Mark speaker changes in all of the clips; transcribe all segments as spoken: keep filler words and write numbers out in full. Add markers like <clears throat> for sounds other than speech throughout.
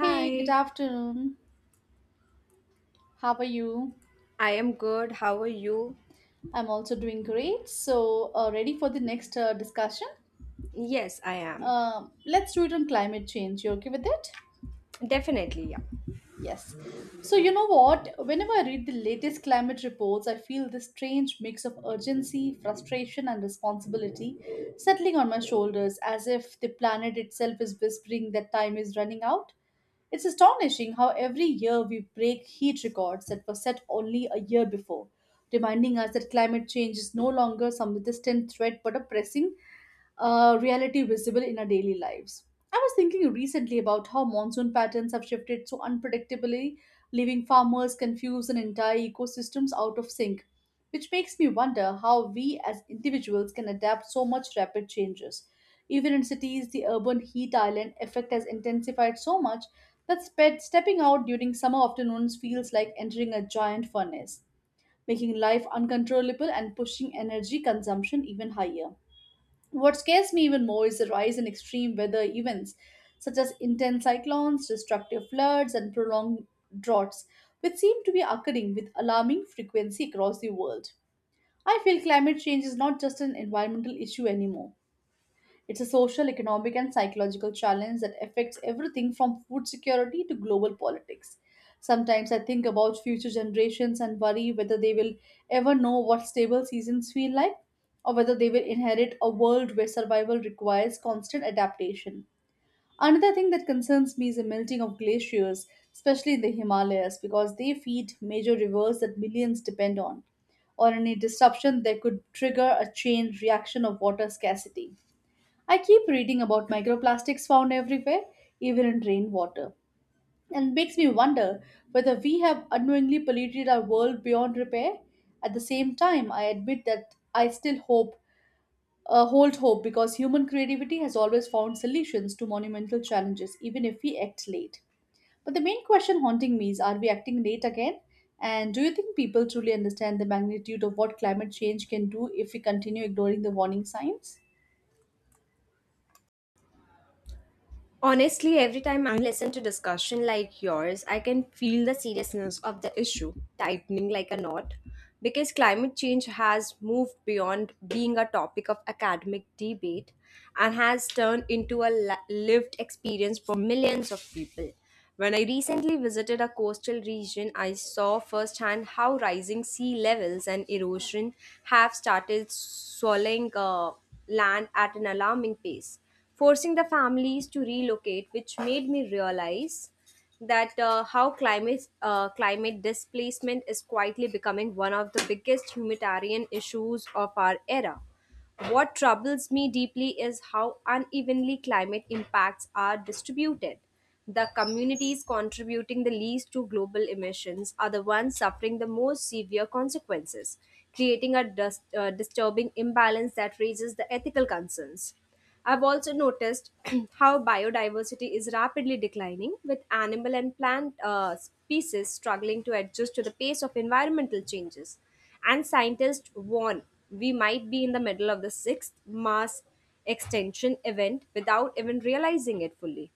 Speaker 1: Hey, good afternoon. How are you?
Speaker 2: I am good. How are you?
Speaker 1: I'm also doing great. So, uh, ready for the next uh, discussion?
Speaker 2: Yes, I am.
Speaker 1: Uh, let's do it on climate change. You okay with it?
Speaker 2: Definitely, yeah.
Speaker 1: Yes. So, you know what? Whenever I read the latest climate reports, I feel this strange mix of urgency, frustration, and responsibility settling on my shoulders as if the planet itself is whispering that time is running out. It's astonishing how every year we break heat records that were set only a year before, reminding us that climate change is no longer some distant threat but a pressing uh, reality visible in our daily lives. I was thinking recently about how monsoon patterns have shifted so unpredictably, leaving farmers confused and entire ecosystems out of sync, which makes me wonder how we as individuals can adapt so much rapid changes. Even in cities, the urban heat island effect has intensified so much that spe- stepping out during summer afternoons feels like entering a giant furnace, making life uncontrollable and pushing energy consumption even higher. What scares me even more is the rise in extreme weather events, such as intense cyclones, destructive floods, and prolonged droughts, which seem to be occurring with alarming frequency across the world. I feel climate change is not just an environmental issue anymore. It's a social, economic, and psychological challenge that affects everything from food security to global politics. Sometimes I think about future generations and worry whether they will ever know what stable seasons feel like or whether they will inherit a world where survival requires constant adaptation. Another thing that concerns me is the melting of glaciers, especially in the Himalayas, because they feed major rivers that millions depend on or any disruption that could trigger a chain reaction of water scarcity. I keep reading about microplastics found everywhere, even in rainwater, and it makes me wonder whether we have unknowingly polluted our world beyond repair. At the same time, I admit that I still hope, uh, hold hope, because human creativity has always found solutions to monumental challenges, even if we act late. But the main question haunting me is, are we acting late again? And do you think people truly understand the magnitude of what climate change can do if we continue ignoring the warning signs?
Speaker 2: Honestly, every time I listen to discussion like yours, I can feel the seriousness of the issue tightening like a knot because climate change has moved beyond being a topic of academic debate and has turned into a li- lived experience for millions of people. When I recently visited a coastal region, I saw firsthand how rising sea levels and erosion have started swallowing uh, land at an alarming pace forcing the families to relocate, which made me realize that uh, how climate uh, climate displacement is quietly becoming one of the biggest humanitarian issues of our era. What troubles me deeply is how unevenly climate impacts are distributed. The communities contributing the least to global emissions are the ones suffering the most severe consequences, creating a dis- uh, disturbing imbalance that raises the ethical concerns. I've also noticed <clears throat> how biodiversity is rapidly declining, with animal and plant uh, species struggling to adjust to the pace of environmental changes. And scientists warn we might be in the middle of the sixth mass extinction event without even realizing it fully.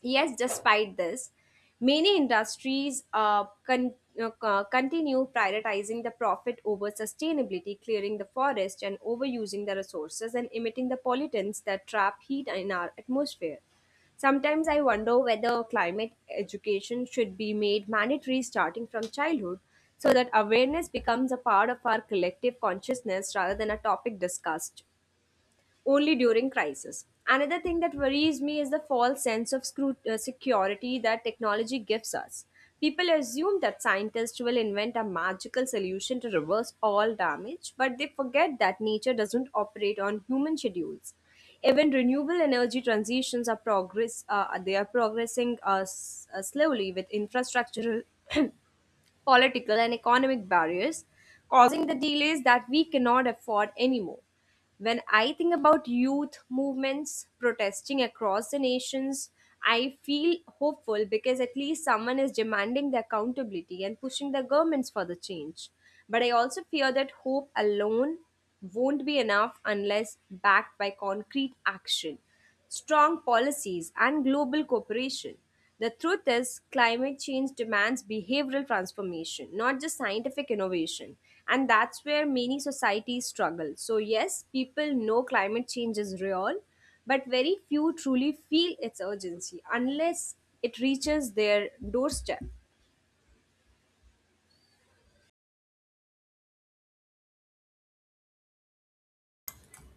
Speaker 2: Yes, despite this, many industries uh, con- uh, co- continue prioritizing the profit over sustainability, clearing the forest and overusing the resources and emitting the pollutants that trap heat in our atmosphere. Sometimes I wonder whether climate education should be made mandatory starting from childhood so that awareness becomes a part of our collective consciousness rather than a topic discussed only during crisis. Another thing that worries me is the false sense of scru- uh, security that technology gives us. People assume that scientists will invent a magical solution to reverse all damage, but they forget that nature doesn't operate on human schedules. Even renewable energy transitions are progress. Uh, they are progressing uh, s- uh, slowly with infrastructure <clears throat> <coughs> political, and economic barriers, causing the delays that we cannot afford anymore. When I think about youth movements protesting across the nations, I feel hopeful because at least someone is demanding the accountability and pushing the governments for the change. But I also fear that hope alone won't be enough unless backed by concrete action strong policies, and global cooperation. The truth is, climate change demands behavioral transformation, not just scientific innovation. And that's where many societies struggle. So, yes, people know climate change is real, but very few truly feel its urgency unless it reaches their doorstep.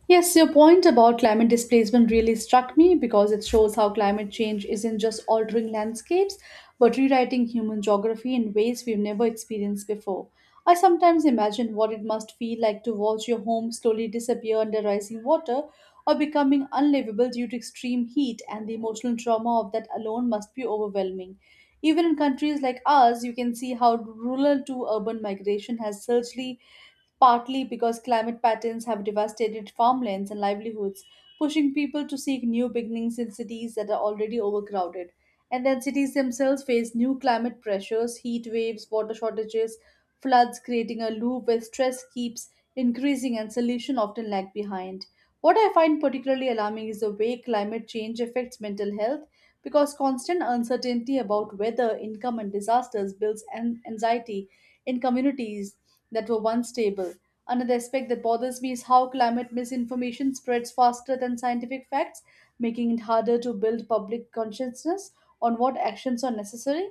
Speaker 1: Yes, your point about climate displacement really struck me because it shows how climate change isn't just altering landscapes, but rewriting human geography in ways we've never experienced before. I sometimes imagine what it must feel like to watch your home slowly disappear under rising water or becoming unlivable due to extreme heat, and the emotional trauma of that alone must be overwhelming. Even in countries like ours, you can see how rural to urban migration has surgely partly because climate patterns have devastated farmlands and livelihoods, pushing people to seek new beginnings in cities that are already overcrowded. And then cities themselves face new climate pressures, heat waves, water shortages, floods, creating a loop where stress keeps increasing and solutions often lag behind. What I find particularly alarming is the way climate change affects mental health because constant uncertainty about weather, income, and disasters builds an anxiety in communities that were once stable. Another aspect that bothers me is how climate misinformation spreads faster than scientific facts, making it harder to build public consciousness on what actions are necessary.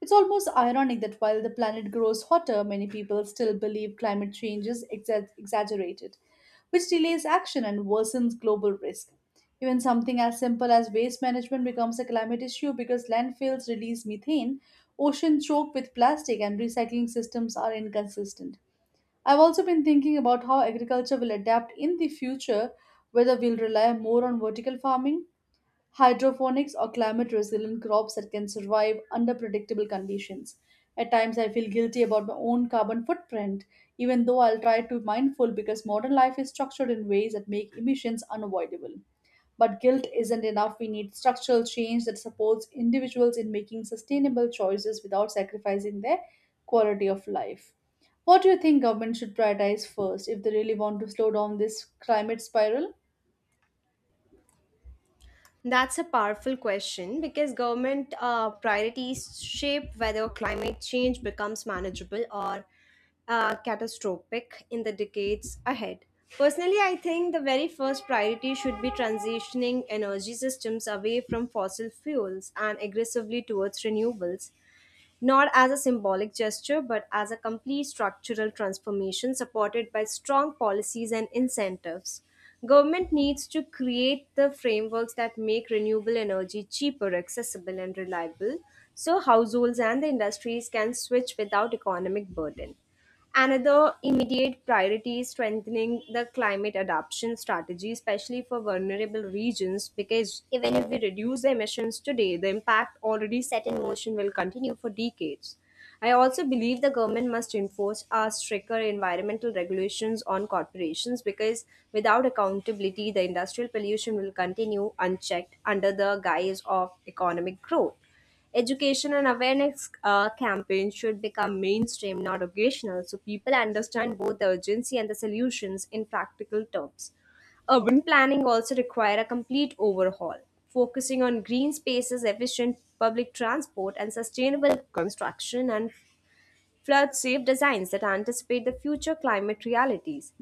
Speaker 1: It's almost ironic that while the planet grows hotter, many people still believe climate change is exa- exaggerated, which delays action and worsens global risk. Even something as simple as waste management becomes a climate issue because landfills release methane, oceans choke with plastic, and recycling systems are inconsistent. I've also been thinking about how agriculture will adapt in the future, whether we'll rely more on vertical farming, hydroponics, or climate resilient crops that can survive under predictable conditions. At times, I feel guilty about my own carbon footprint, even though I'll try to be mindful because modern life is structured in ways that make emissions unavoidable. But guilt isn't enough. We need structural change that supports individuals in making sustainable choices without sacrificing their quality of life. What do you think government should prioritize first if they really want to slow down this climate spiral?
Speaker 2: That's a powerful question because government uh, priorities shape whether climate change becomes manageable or uh, catastrophic in the decades ahead. Personally, I think the very first priority should be transitioning energy systems away from fossil fuels and aggressively towards renewables not as a symbolic gesture but as a complete structural transformation supported by strong policies and incentives. Government needs to create the frameworks that make renewable energy cheaper, accessible, and reliable so households and the industries can switch without economic burden. Another immediate priority is strengthening the climate adaptation strategy, especially for vulnerable regions, because even if we reduce the emissions today, the impact already set in motion will continue for decades. I also believe the government must enforce a stricter environmental regulations on corporations because without accountability, the industrial pollution will continue unchecked under the guise of economic growth. Education and awareness uh, campaigns should become mainstream, not occasional, so people understand both the urgency and the solutions in practical terms. Urban planning also require a complete overhaul, focusing on green spaces, efficient public transport, and sustainable construction and flood safe designs that anticipate the future climate realities.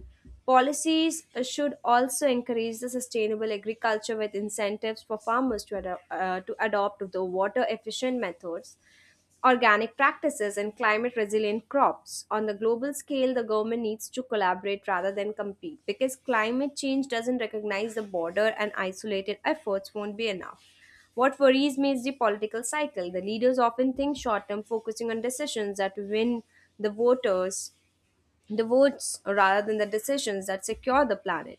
Speaker 2: Policies uh, should also encourage the sustainable agriculture with incentives for farmers to, ado- uh, to adopt the water efficient methods organic practices and climate resilient crops. On the global scale, the government needs to collaborate rather than compete because climate change doesn't recognize the border and isolated efforts won't be enough. What worries me is the political cycle. The leaders often think short term, focusing on decisions that win the voters, the votes, rather than the decisions that secure the planet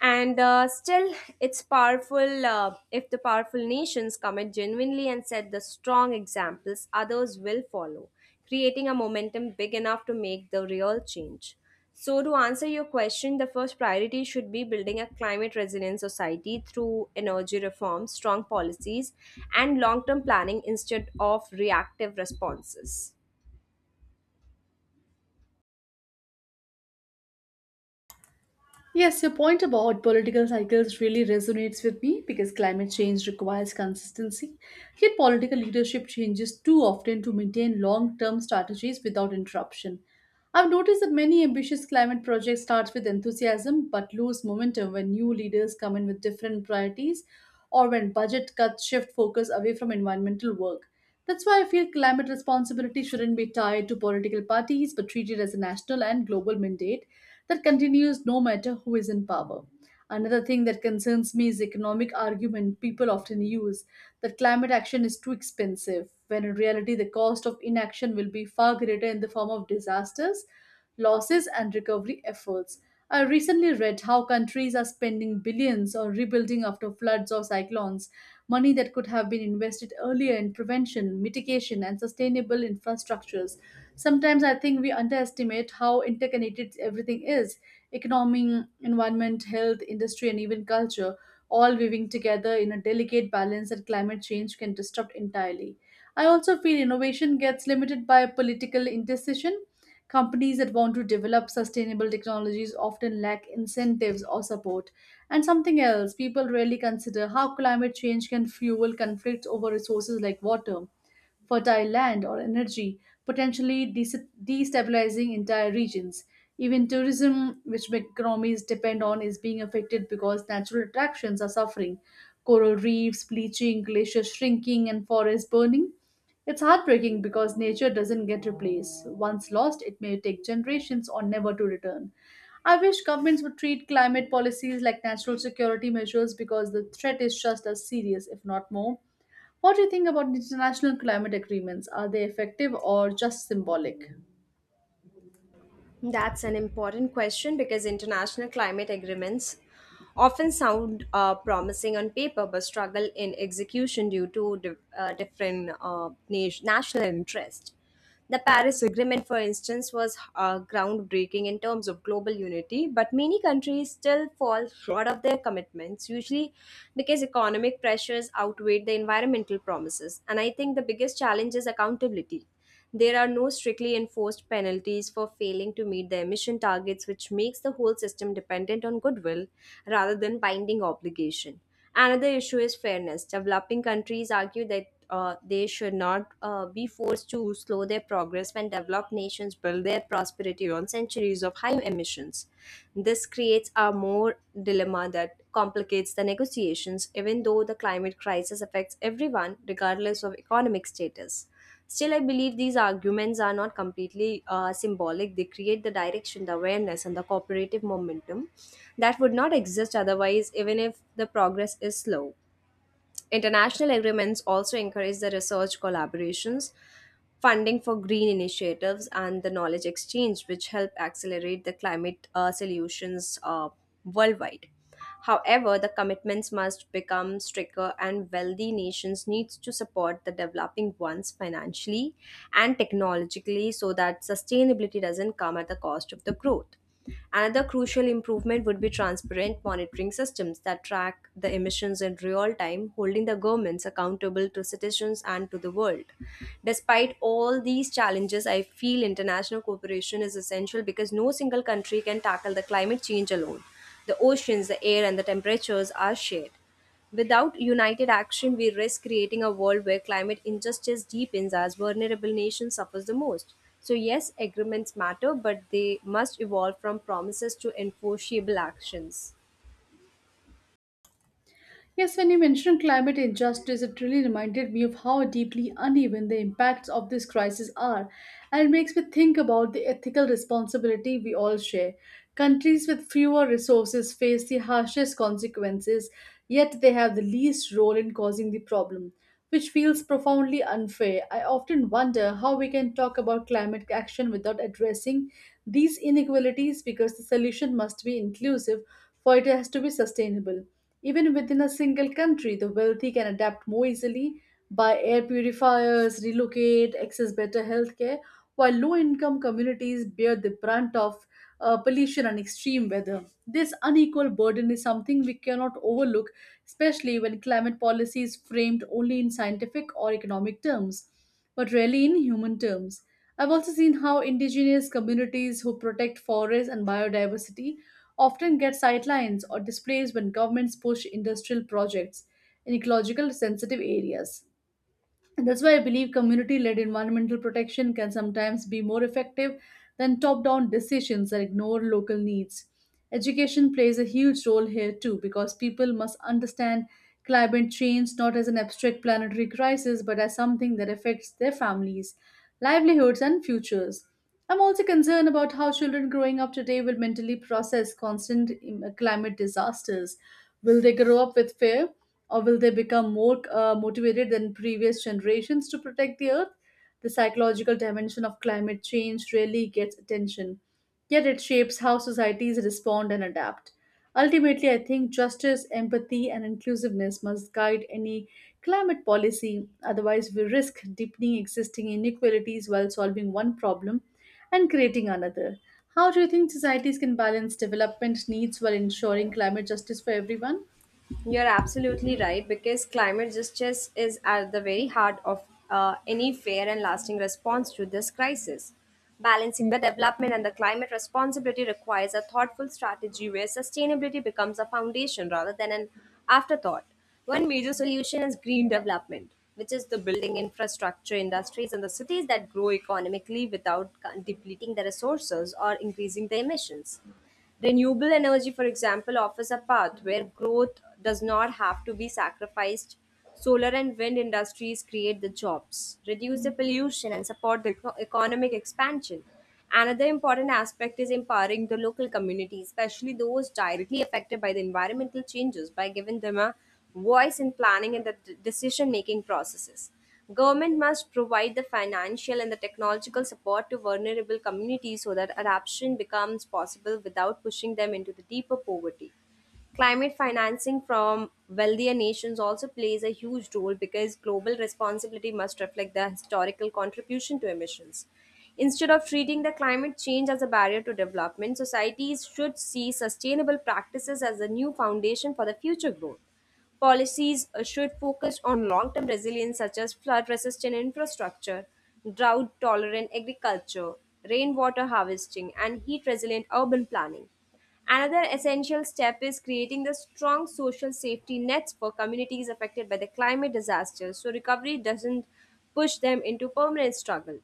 Speaker 2: and uh, still it's powerful uh, if the powerful nations commit genuinely and set the strong examples others will follow, creating a momentum big enough to make the real change. So to answer your question, the first priority should be building a climate resilient society through energy reform, strong policies, and long term planning instead of reactive responses.
Speaker 1: Yes, your point about political cycles really resonates with me because climate change requires consistency. Yet, political leadership changes too often to maintain long term strategies without interruption. I've noticed that many ambitious climate projects start with enthusiasm but lose momentum when new leaders come in with different priorities or when budget cuts shift focus away from environmental work. That's why I feel climate responsibility shouldn't be tied to political parties but treated as a national and global mandate that continues no matter who is in power. Another thing that concerns me is the economic argument people often use that climate action is too expensive, when in reality the cost of inaction will be far greater in the form of disasters, losses, and recovery efforts. I recently read how countries are spending billions on rebuilding after floods or cyclones, money that could have been invested earlier in prevention, mitigation, and sustainable infrastructures. Sometimes I think we underestimate how interconnected everything is: economy, environment, health, industry, and even culture, all weaving together in a delicate balance that climate change can disrupt entirely. I also feel innovation gets limited by political indecision. Companies that want to develop sustainable technologies often lack incentives or support. And something else people rarely consider: how climate change can fuel conflicts over resources like water, fertile land, or energy, potentially des- destabilizing entire regions. Even tourism, which economies depend on, is being affected because natural attractions are suffering. Coral reefs bleaching, glaciers shrinking, and forests burning. It's heartbreaking because nature doesn't get replaced. Once lost, it may take generations or never to return. I wish governments would treat climate policies like natural security measures because the threat is just as serious, if not more. What do you think about international climate agreements? Are they effective or just symbolic?
Speaker 2: That's an important question because international climate agreements often sound uh, promising on paper but struggle in execution due to di- uh, different uh, nat- national interests. The Paris Agreement, for instance, was uh, groundbreaking in terms of global unity, but many countries still fall short of their commitments, usually because economic pressures outweigh the environmental promises. And I think the biggest challenge is accountability. There are no strictly enforced penalties for failing to meet the emission targets, which makes the whole system dependent on goodwill rather than binding obligation. Another issue is fairness. Developing countries argue that uh, they should not uh, be forced to slow their progress when developed nations build their prosperity on centuries of high emissions. This creates a more dilemma that complicates the negotiations, even though the climate crisis affects everyone, regardless of economic status. Still, I believe these arguments are not completely uh, symbolic. They create the direction, the awareness, and the cooperative momentum that would not exist otherwise, even if the progress is slow. International agreements also encourage the research collaborations, funding for green initiatives, and the knowledge exchange, which help accelerate the climate uh, solutions uh, worldwide. However, the commitments must become stricter, and wealthy nations need to support the developing ones financially and technologically so that sustainability doesn't come at the cost of the growth. Another crucial improvement would be transparent monitoring systems that track the emissions in real time, holding the governments accountable to citizens and to the world. Despite all these challenges, I feel international cooperation is essential because no single country can tackle the climate change alone. The oceans, the air, and the temperatures are shared. Without united action, we risk creating a world where climate injustice deepens as vulnerable nations suffer the most. So, yes, agreements matter, but they must evolve from promises to enforceable actions.
Speaker 1: Yes, when you mentioned climate injustice, it really reminded me of how deeply uneven the impacts of this crisis are, and it makes me think about the ethical responsibility we all share. Countries with fewer resources face the harshest consequences, yet they have the least role in causing the problem, which feels profoundly unfair. I often wonder how we can talk about climate action without addressing these inequalities because the solution must be inclusive for it has to be sustainable. Even within a single country, the wealthy can adapt more easily, buy air purifiers, relocate, access better healthcare, while low income communities bear the brunt of uh, pollution and extreme weather. This unequal burden is something we cannot overlook, especially when climate policy is framed only in scientific or economic terms, but rarely in human terms. I've also seen how indigenous communities who protect forests and biodiversity often get sidelined or displaced when governments push industrial projects in ecological sensitive areas. And that's why I believe community led environmental protection can sometimes be more effective than top down decisions that ignore local needs. Education plays a huge role here too because people must understand climate change not as an abstract planetary crisis but as something that affects their families, livelihoods, and futures. I'm also concerned about how children growing up today will mentally process constant um, climate disasters. Will they grow up with fear or will they become more uh, motivated than previous generations to protect the earth? The psychological dimension of climate change rarely gets attention, yet it shapes how societies respond and adapt. Ultimately, I think justice, empathy, and inclusiveness must guide any climate policy. Otherwise, we risk deepening existing inequalities while solving one problem and creating another. How do you think societies can balance development needs while ensuring climate justice for everyone?
Speaker 2: You're absolutely right because climate justice is at the very heart of uh, any fair and lasting response to this crisis. Balancing the development and the climate responsibility requires a thoughtful strategy where sustainability becomes a foundation rather than an afterthought. One major solution is green development, which is the building infrastructure, industries, and the cities that grow economically without depleting the resources or increasing the emissions. Renewable energy, for example, offers a path where growth does not have to be sacrificed. Solar and wind industries create the jobs, reduce the pollution, and support the eco- economic expansion. Another important aspect is empowering the local communities, especially those directly affected by the environmental changes, by giving them a voice in planning and the decision making processes. Government must provide the financial and the technological support to vulnerable communities so that adaptation becomes possible without pushing them into the deeper poverty. Climate financing from wealthier nations also plays a huge role because global responsibility must reflect the historical contribution to emissions. Instead of treating the climate change as a barrier to development, societies should see sustainable practices as a new foundation for the future growth. Policies uh, should focus on long term resilience, such as flood resistant infrastructure, drought tolerant agriculture, rainwater harvesting, and heat resilient urban planning. Another essential step is creating the strong social safety nets for communities affected by the climate disaster so recovery doesn't push them into permanent struggle.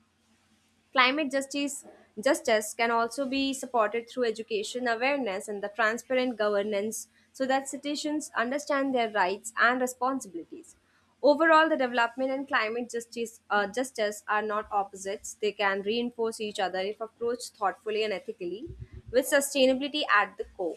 Speaker 2: Climate justice justice can also be supported through education awareness and the transparent governance so that citizens understand their rights and responsibilities. Overall, the development and climate justice uh, justice are not opposites. They can reinforce each other if approached thoughtfully and ethically, with sustainability at the core.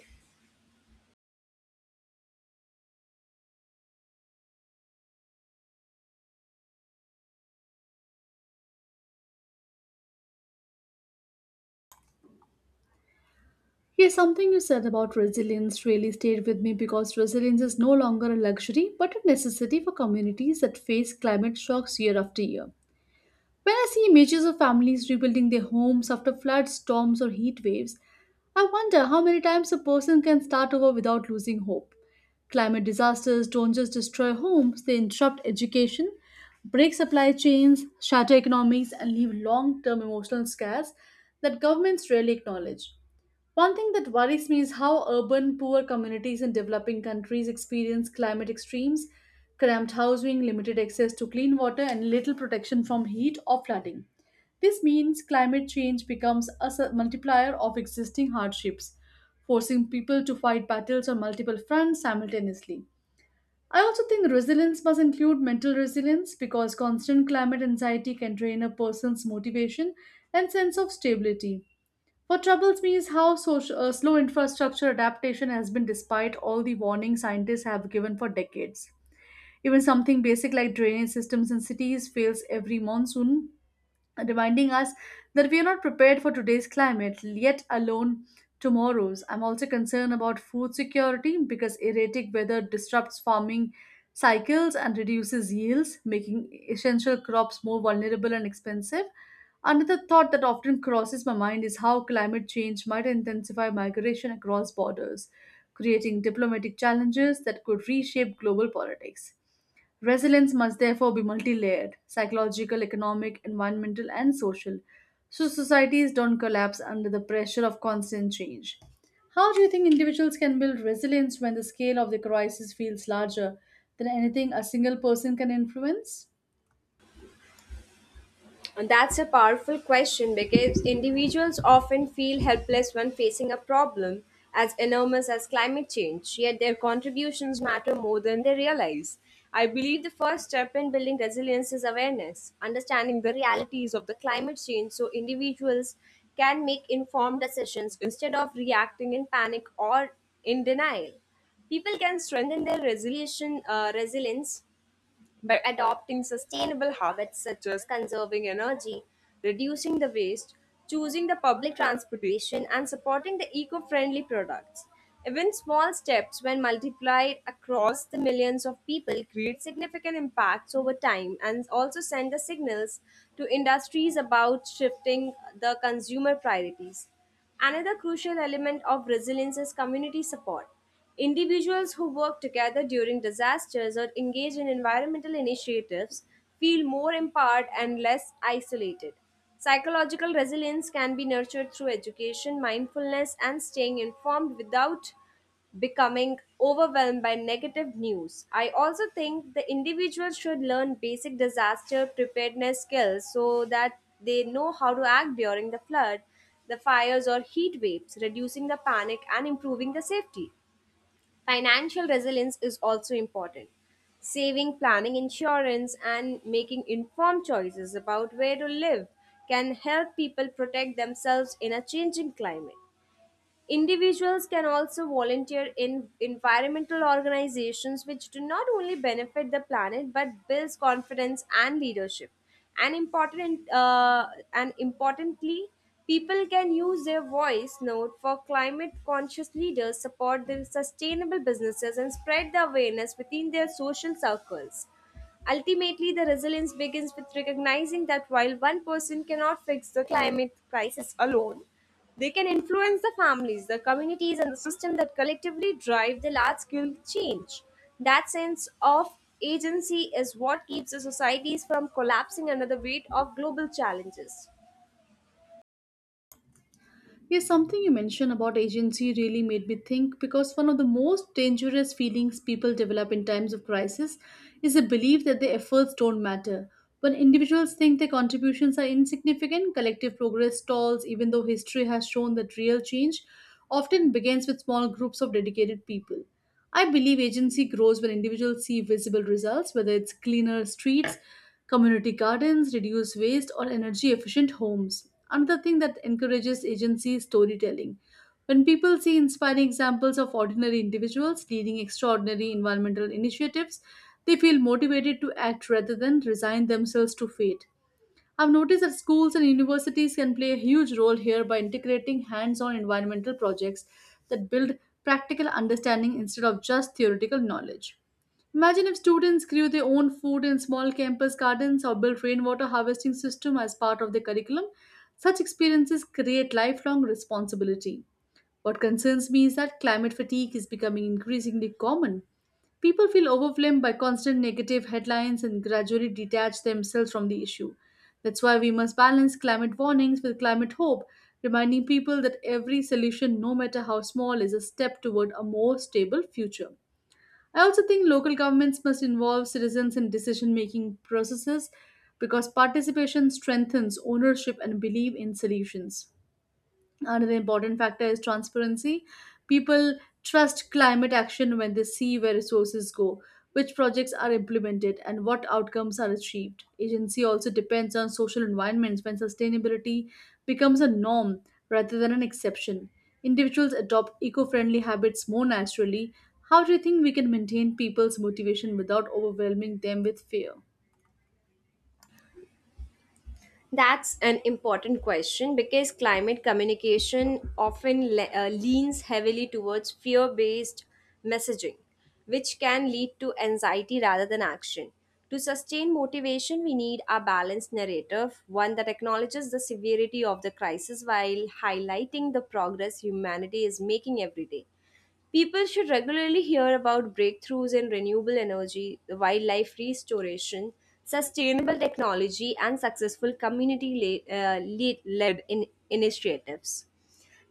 Speaker 1: Yes, something you said about resilience really stayed with me because resilience is no longer a luxury but a necessity for communities that face climate shocks year after year. When I see images of families rebuilding their homes after floods, storms, or heat waves, I wonder how many times a person can start over without losing hope. Climate disasters don't just destroy homes, they interrupt education, break supply chains, shatter economies, and leave long term emotional scars that governments rarely acknowledge. One thing that worries me is how urban, poor communities in developing countries experience climate extremes, cramped housing, limited access to clean water, and little protection from heat or flooding. This means climate change becomes a s- multiplier of existing hardships, forcing people to fight battles on multiple fronts simultaneously. I also think resilience must include mental resilience because constant climate anxiety can drain a person's motivation and sense of stability. What troubles me is how social, uh, slow infrastructure adaptation has been despite all the warning scientists have given for decades. Even something basic like drainage systems in cities fails every monsoon, reminding us that we are not prepared for today's climate, yet alone tomorrow's. I'm also concerned about food security because erratic weather disrupts farming cycles and reduces yields, making essential crops more vulnerable and expensive. Another thought that often crosses my mind is how climate change might intensify migration across borders, creating diplomatic challenges that could reshape global politics. Resilience must therefore be multi layered: psychological, economic, environmental, and social, so societies don't collapse under the pressure of constant change. How do you think individuals can build resilience when the scale of the crisis feels larger than anything a single person can influence?
Speaker 2: And that's a powerful question because individuals often feel helpless when facing a problem as enormous as climate change, yet their contributions matter more than they realize. I believe the first step in building resilience is awareness, understanding the realities of the climate change so individuals can make informed decisions instead of reacting in panic or in denial. People can strengthen their resolution, uh, resilience by adopting sustainable habits such as conserving energy, reducing the waste, choosing the public transportation, and supporting the eco friendly products. Even small steps, when multiplied across the millions of people, create significant impacts over time and also send the signals to industries about shifting the consumer priorities. Another crucial element of resilience is community support. Individuals who work together during disasters or engage in environmental initiatives feel more empowered and less isolated. Psychological resilience can be nurtured through education, mindfulness, and staying informed without becoming overwhelmed by negative news. I also think the individual should learn basic disaster preparedness skills so that they know how to act during the flood, the fires, or heat waves, reducing the panic and improving the safety. Financial resilience is also important. Saving, planning insurance, and making informed choices about where to live can help people protect themselves in a changing climate. Individuals can also volunteer in environmental organizations which do not only benefit the planet but builds confidence and leadership. And important uh, and importantly, people can use their voice note for climate conscious leaders, support the sustainable businesses and spread the awareness within their social circles. Ultimately, the resilience begins with recognizing that while one person cannot fix the climate crisis alone, they can influence the families, the communities, and the system that collectively drive the large scale change. That sense of agency is what keeps the societies from collapsing under the weight of global challenges.
Speaker 1: Yes, something you mentioned about agency really made me think, because one of the most dangerous feelings people develop in times of crisis is the belief that their efforts don't matter. When individuals think their contributions are insignificant, collective progress stalls, even though history has shown that real change often begins with small groups of dedicated people. I believe agency grows when individuals see visible results, whether it's cleaner streets, community gardens, reduce waste, or energy efficient homes. Another thing that encourages agency is storytelling. When people see inspiring examples of ordinary individuals leading extraordinary environmental initiatives, they feel motivated to act rather than resign themselves to fate. I've noticed that schools and universities can play a huge role here by integrating hands on environmental projects that build practical understanding instead of just theoretical knowledge. Imagine if students grew their own food in small campus gardens or built rainwater harvesting system as part of their curriculum. Such experiences create lifelong responsibility. What concerns me is that climate fatigue is becoming increasingly common. People feel overwhelmed by constant negative headlines and gradually detach themselves from the issue. That's why we must balance climate warnings with climate hope, reminding people that every solution, no matter how small, is a step toward a more stable future. I also think local governments must involve citizens in decision making processes because participation strengthens ownership and belief in solutions. Another important factor is transparency. People trust climate action when they see where resources go, which projects are implemented, and what outcomes are achieved. Agency also depends on social environments when sustainability becomes a norm rather than an exception. Individuals adopt eco friendly habits more naturally. How do you think we can maintain people's motivation without overwhelming them with fear?
Speaker 2: That's an important question because climate communication often le- uh, leans heavily towards fear based messaging, which can lead to anxiety rather than action. To sustain motivation, we need a balanced narrative, one that acknowledges the severity of the crisis while highlighting the progress humanity is making every day. People should regularly hear about breakthroughs in renewable energy, wildlife restoration, sustainable technology, and successful community led initiatives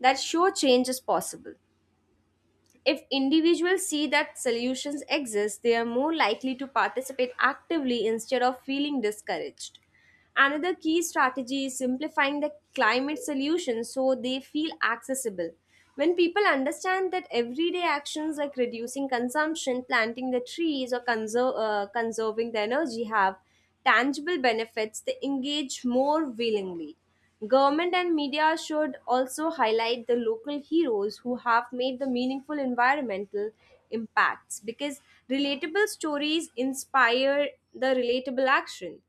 Speaker 2: that show change is possible. If individuals see that solutions exist, they are more likely to participate actively instead of feeling discouraged. Another key strategy is simplifying the climate solutions so they feel accessible. When people understand that everyday actions like reducing consumption, planting the trees, or conser- uh, conserving the energy have tangible benefits, they engage more willingly. Government and media should also highlight the local heroes who have made the meaningful environmental impacts because relatable stories inspire the relatable action.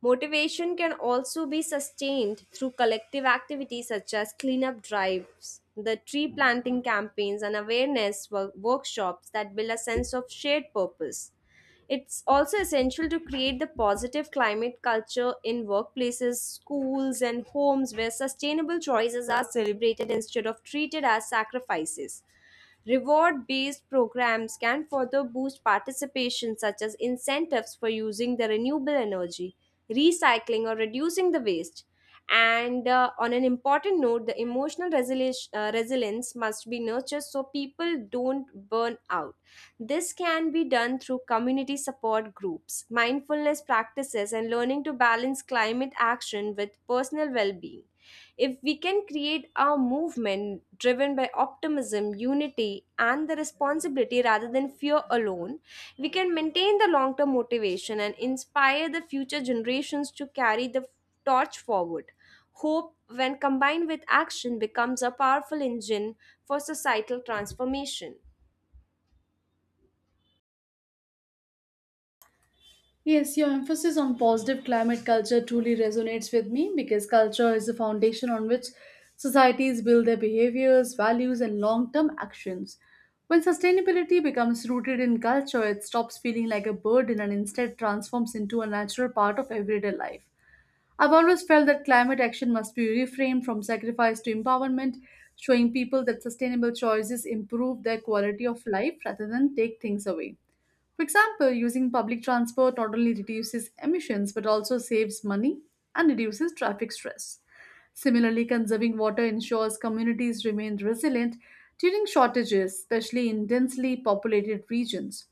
Speaker 2: Motivation can also be sustained through collective activities such as cleanup drives, the tree planting campaigns, and awareness work- workshops that build a sense of shared purpose. It's also essential to create the positive climate culture in workplaces, schools, and homes where sustainable choices are celebrated instead of treated as sacrifices. Reward based programs can further boost participation, such as incentives for using the renewable energy, recycling, or reducing the waste. And uh, On an important note, the emotional resilience, uh, resilience must be nurtured so people don't burn out. This can be done through community support groups, mindfulness practices, and learning to balance climate action with personal well being. If we can create a movement driven by optimism, unity, and the responsibility rather than fear alone, we can maintain the long term motivation and inspire the future generations to carry the torch forward. Hope, when combined with action, becomes a powerful engine for societal transformation.
Speaker 1: Yes, your emphasis on positive climate culture truly resonates with me because culture is the foundation on which societies build their behaviors, values, and long term actions. When sustainability becomes rooted in culture, it stops feeling like a burden and instead transforms into a natural part of everyday life. I've always felt that climate action must be reframed from sacrifice to empowerment, showing people that sustainable choices improve their quality of life rather than take things away. For example, using public transport not only reduces emissions but also saves money and reduces traffic stress. Similarly, conserving water ensures communities remain resilient during shortages, especially in densely populated regions.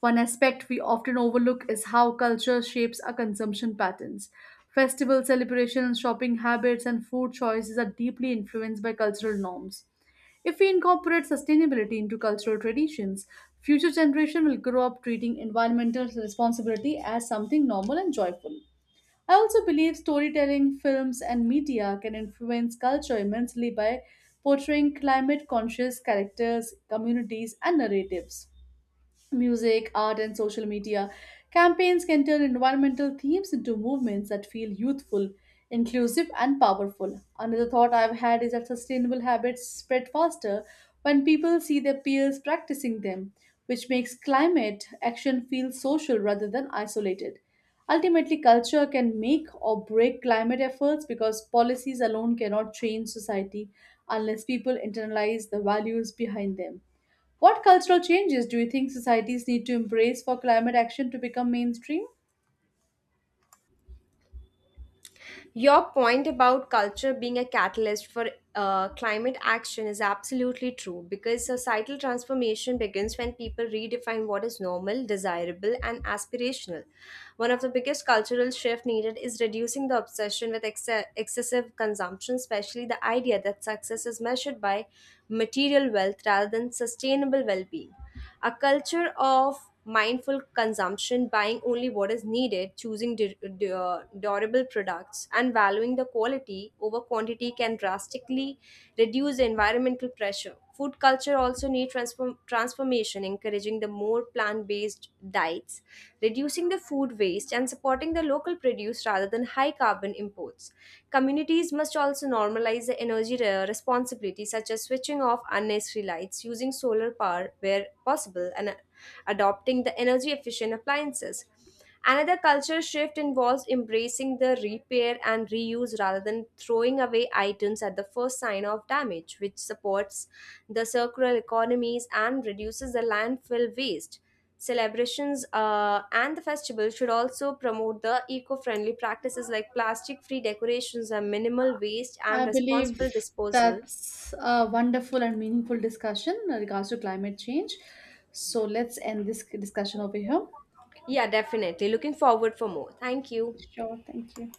Speaker 1: One aspect we often overlook is how culture shapes our consumption patterns. Festival celebrations, shopping habits, and food choices are deeply influenced by cultural norms. If we incorporate sustainability into cultural traditions, future generations will grow up treating environmental responsibility as something normal and joyful. I also believe storytelling, films, and media can influence culture immensely by portraying climate conscious characters, communities, and narratives. Music, art, and social media campaigns can turn environmental themes into movements that feel youthful, inclusive, and powerful. Another thought I've had is that sustainable habits spread faster when people see their peers practicing them, which makes climate action feel social rather than isolated. Ultimately, culture can make or break climate efforts because policies alone cannot change society unless people internalize the values behind them. What cultural changes do you think societies need to embrace for climate action to become mainstream?
Speaker 2: Your point about culture being a catalyst for uh, climate action is absolutely true because societal transformation begins when people redefine what is normal, desirable, and aspirational. One of the biggest cultural shifts needed is reducing the obsession with exce- excessive consumption, especially the idea that success is measured by material wealth rather than sustainable well being. A culture of mindful consumption, buying only what is needed, choosing du- du- uh, durable products, and valuing the quality over quantity can drastically reduce environmental pressure. Food culture also needs transform- transformation, encouraging the more plant based diets, reducing the food waste, and supporting the local produce rather than high carbon imports. Communities must also normalize the energy re- responsibility, such as switching off unnecessary lights, using solar power where possible, and adopting the energy efficient appliances. Another culture shift involves embracing the repair and reuse rather than throwing away items at the first sign of damage, which supports the circular economies and reduces the landfill waste. Celebrations uh, and the festival should also promote the eco friendly practices like plastic free decorations and minimal waste
Speaker 1: I
Speaker 2: and responsible
Speaker 1: believe
Speaker 2: disposal.
Speaker 1: that's a wonderful and meaningful discussion in regards to climate change. So let's end this discussion over here.
Speaker 2: Yeah, definitely. Looking forward for more. Thank you.
Speaker 1: Sure, thank you.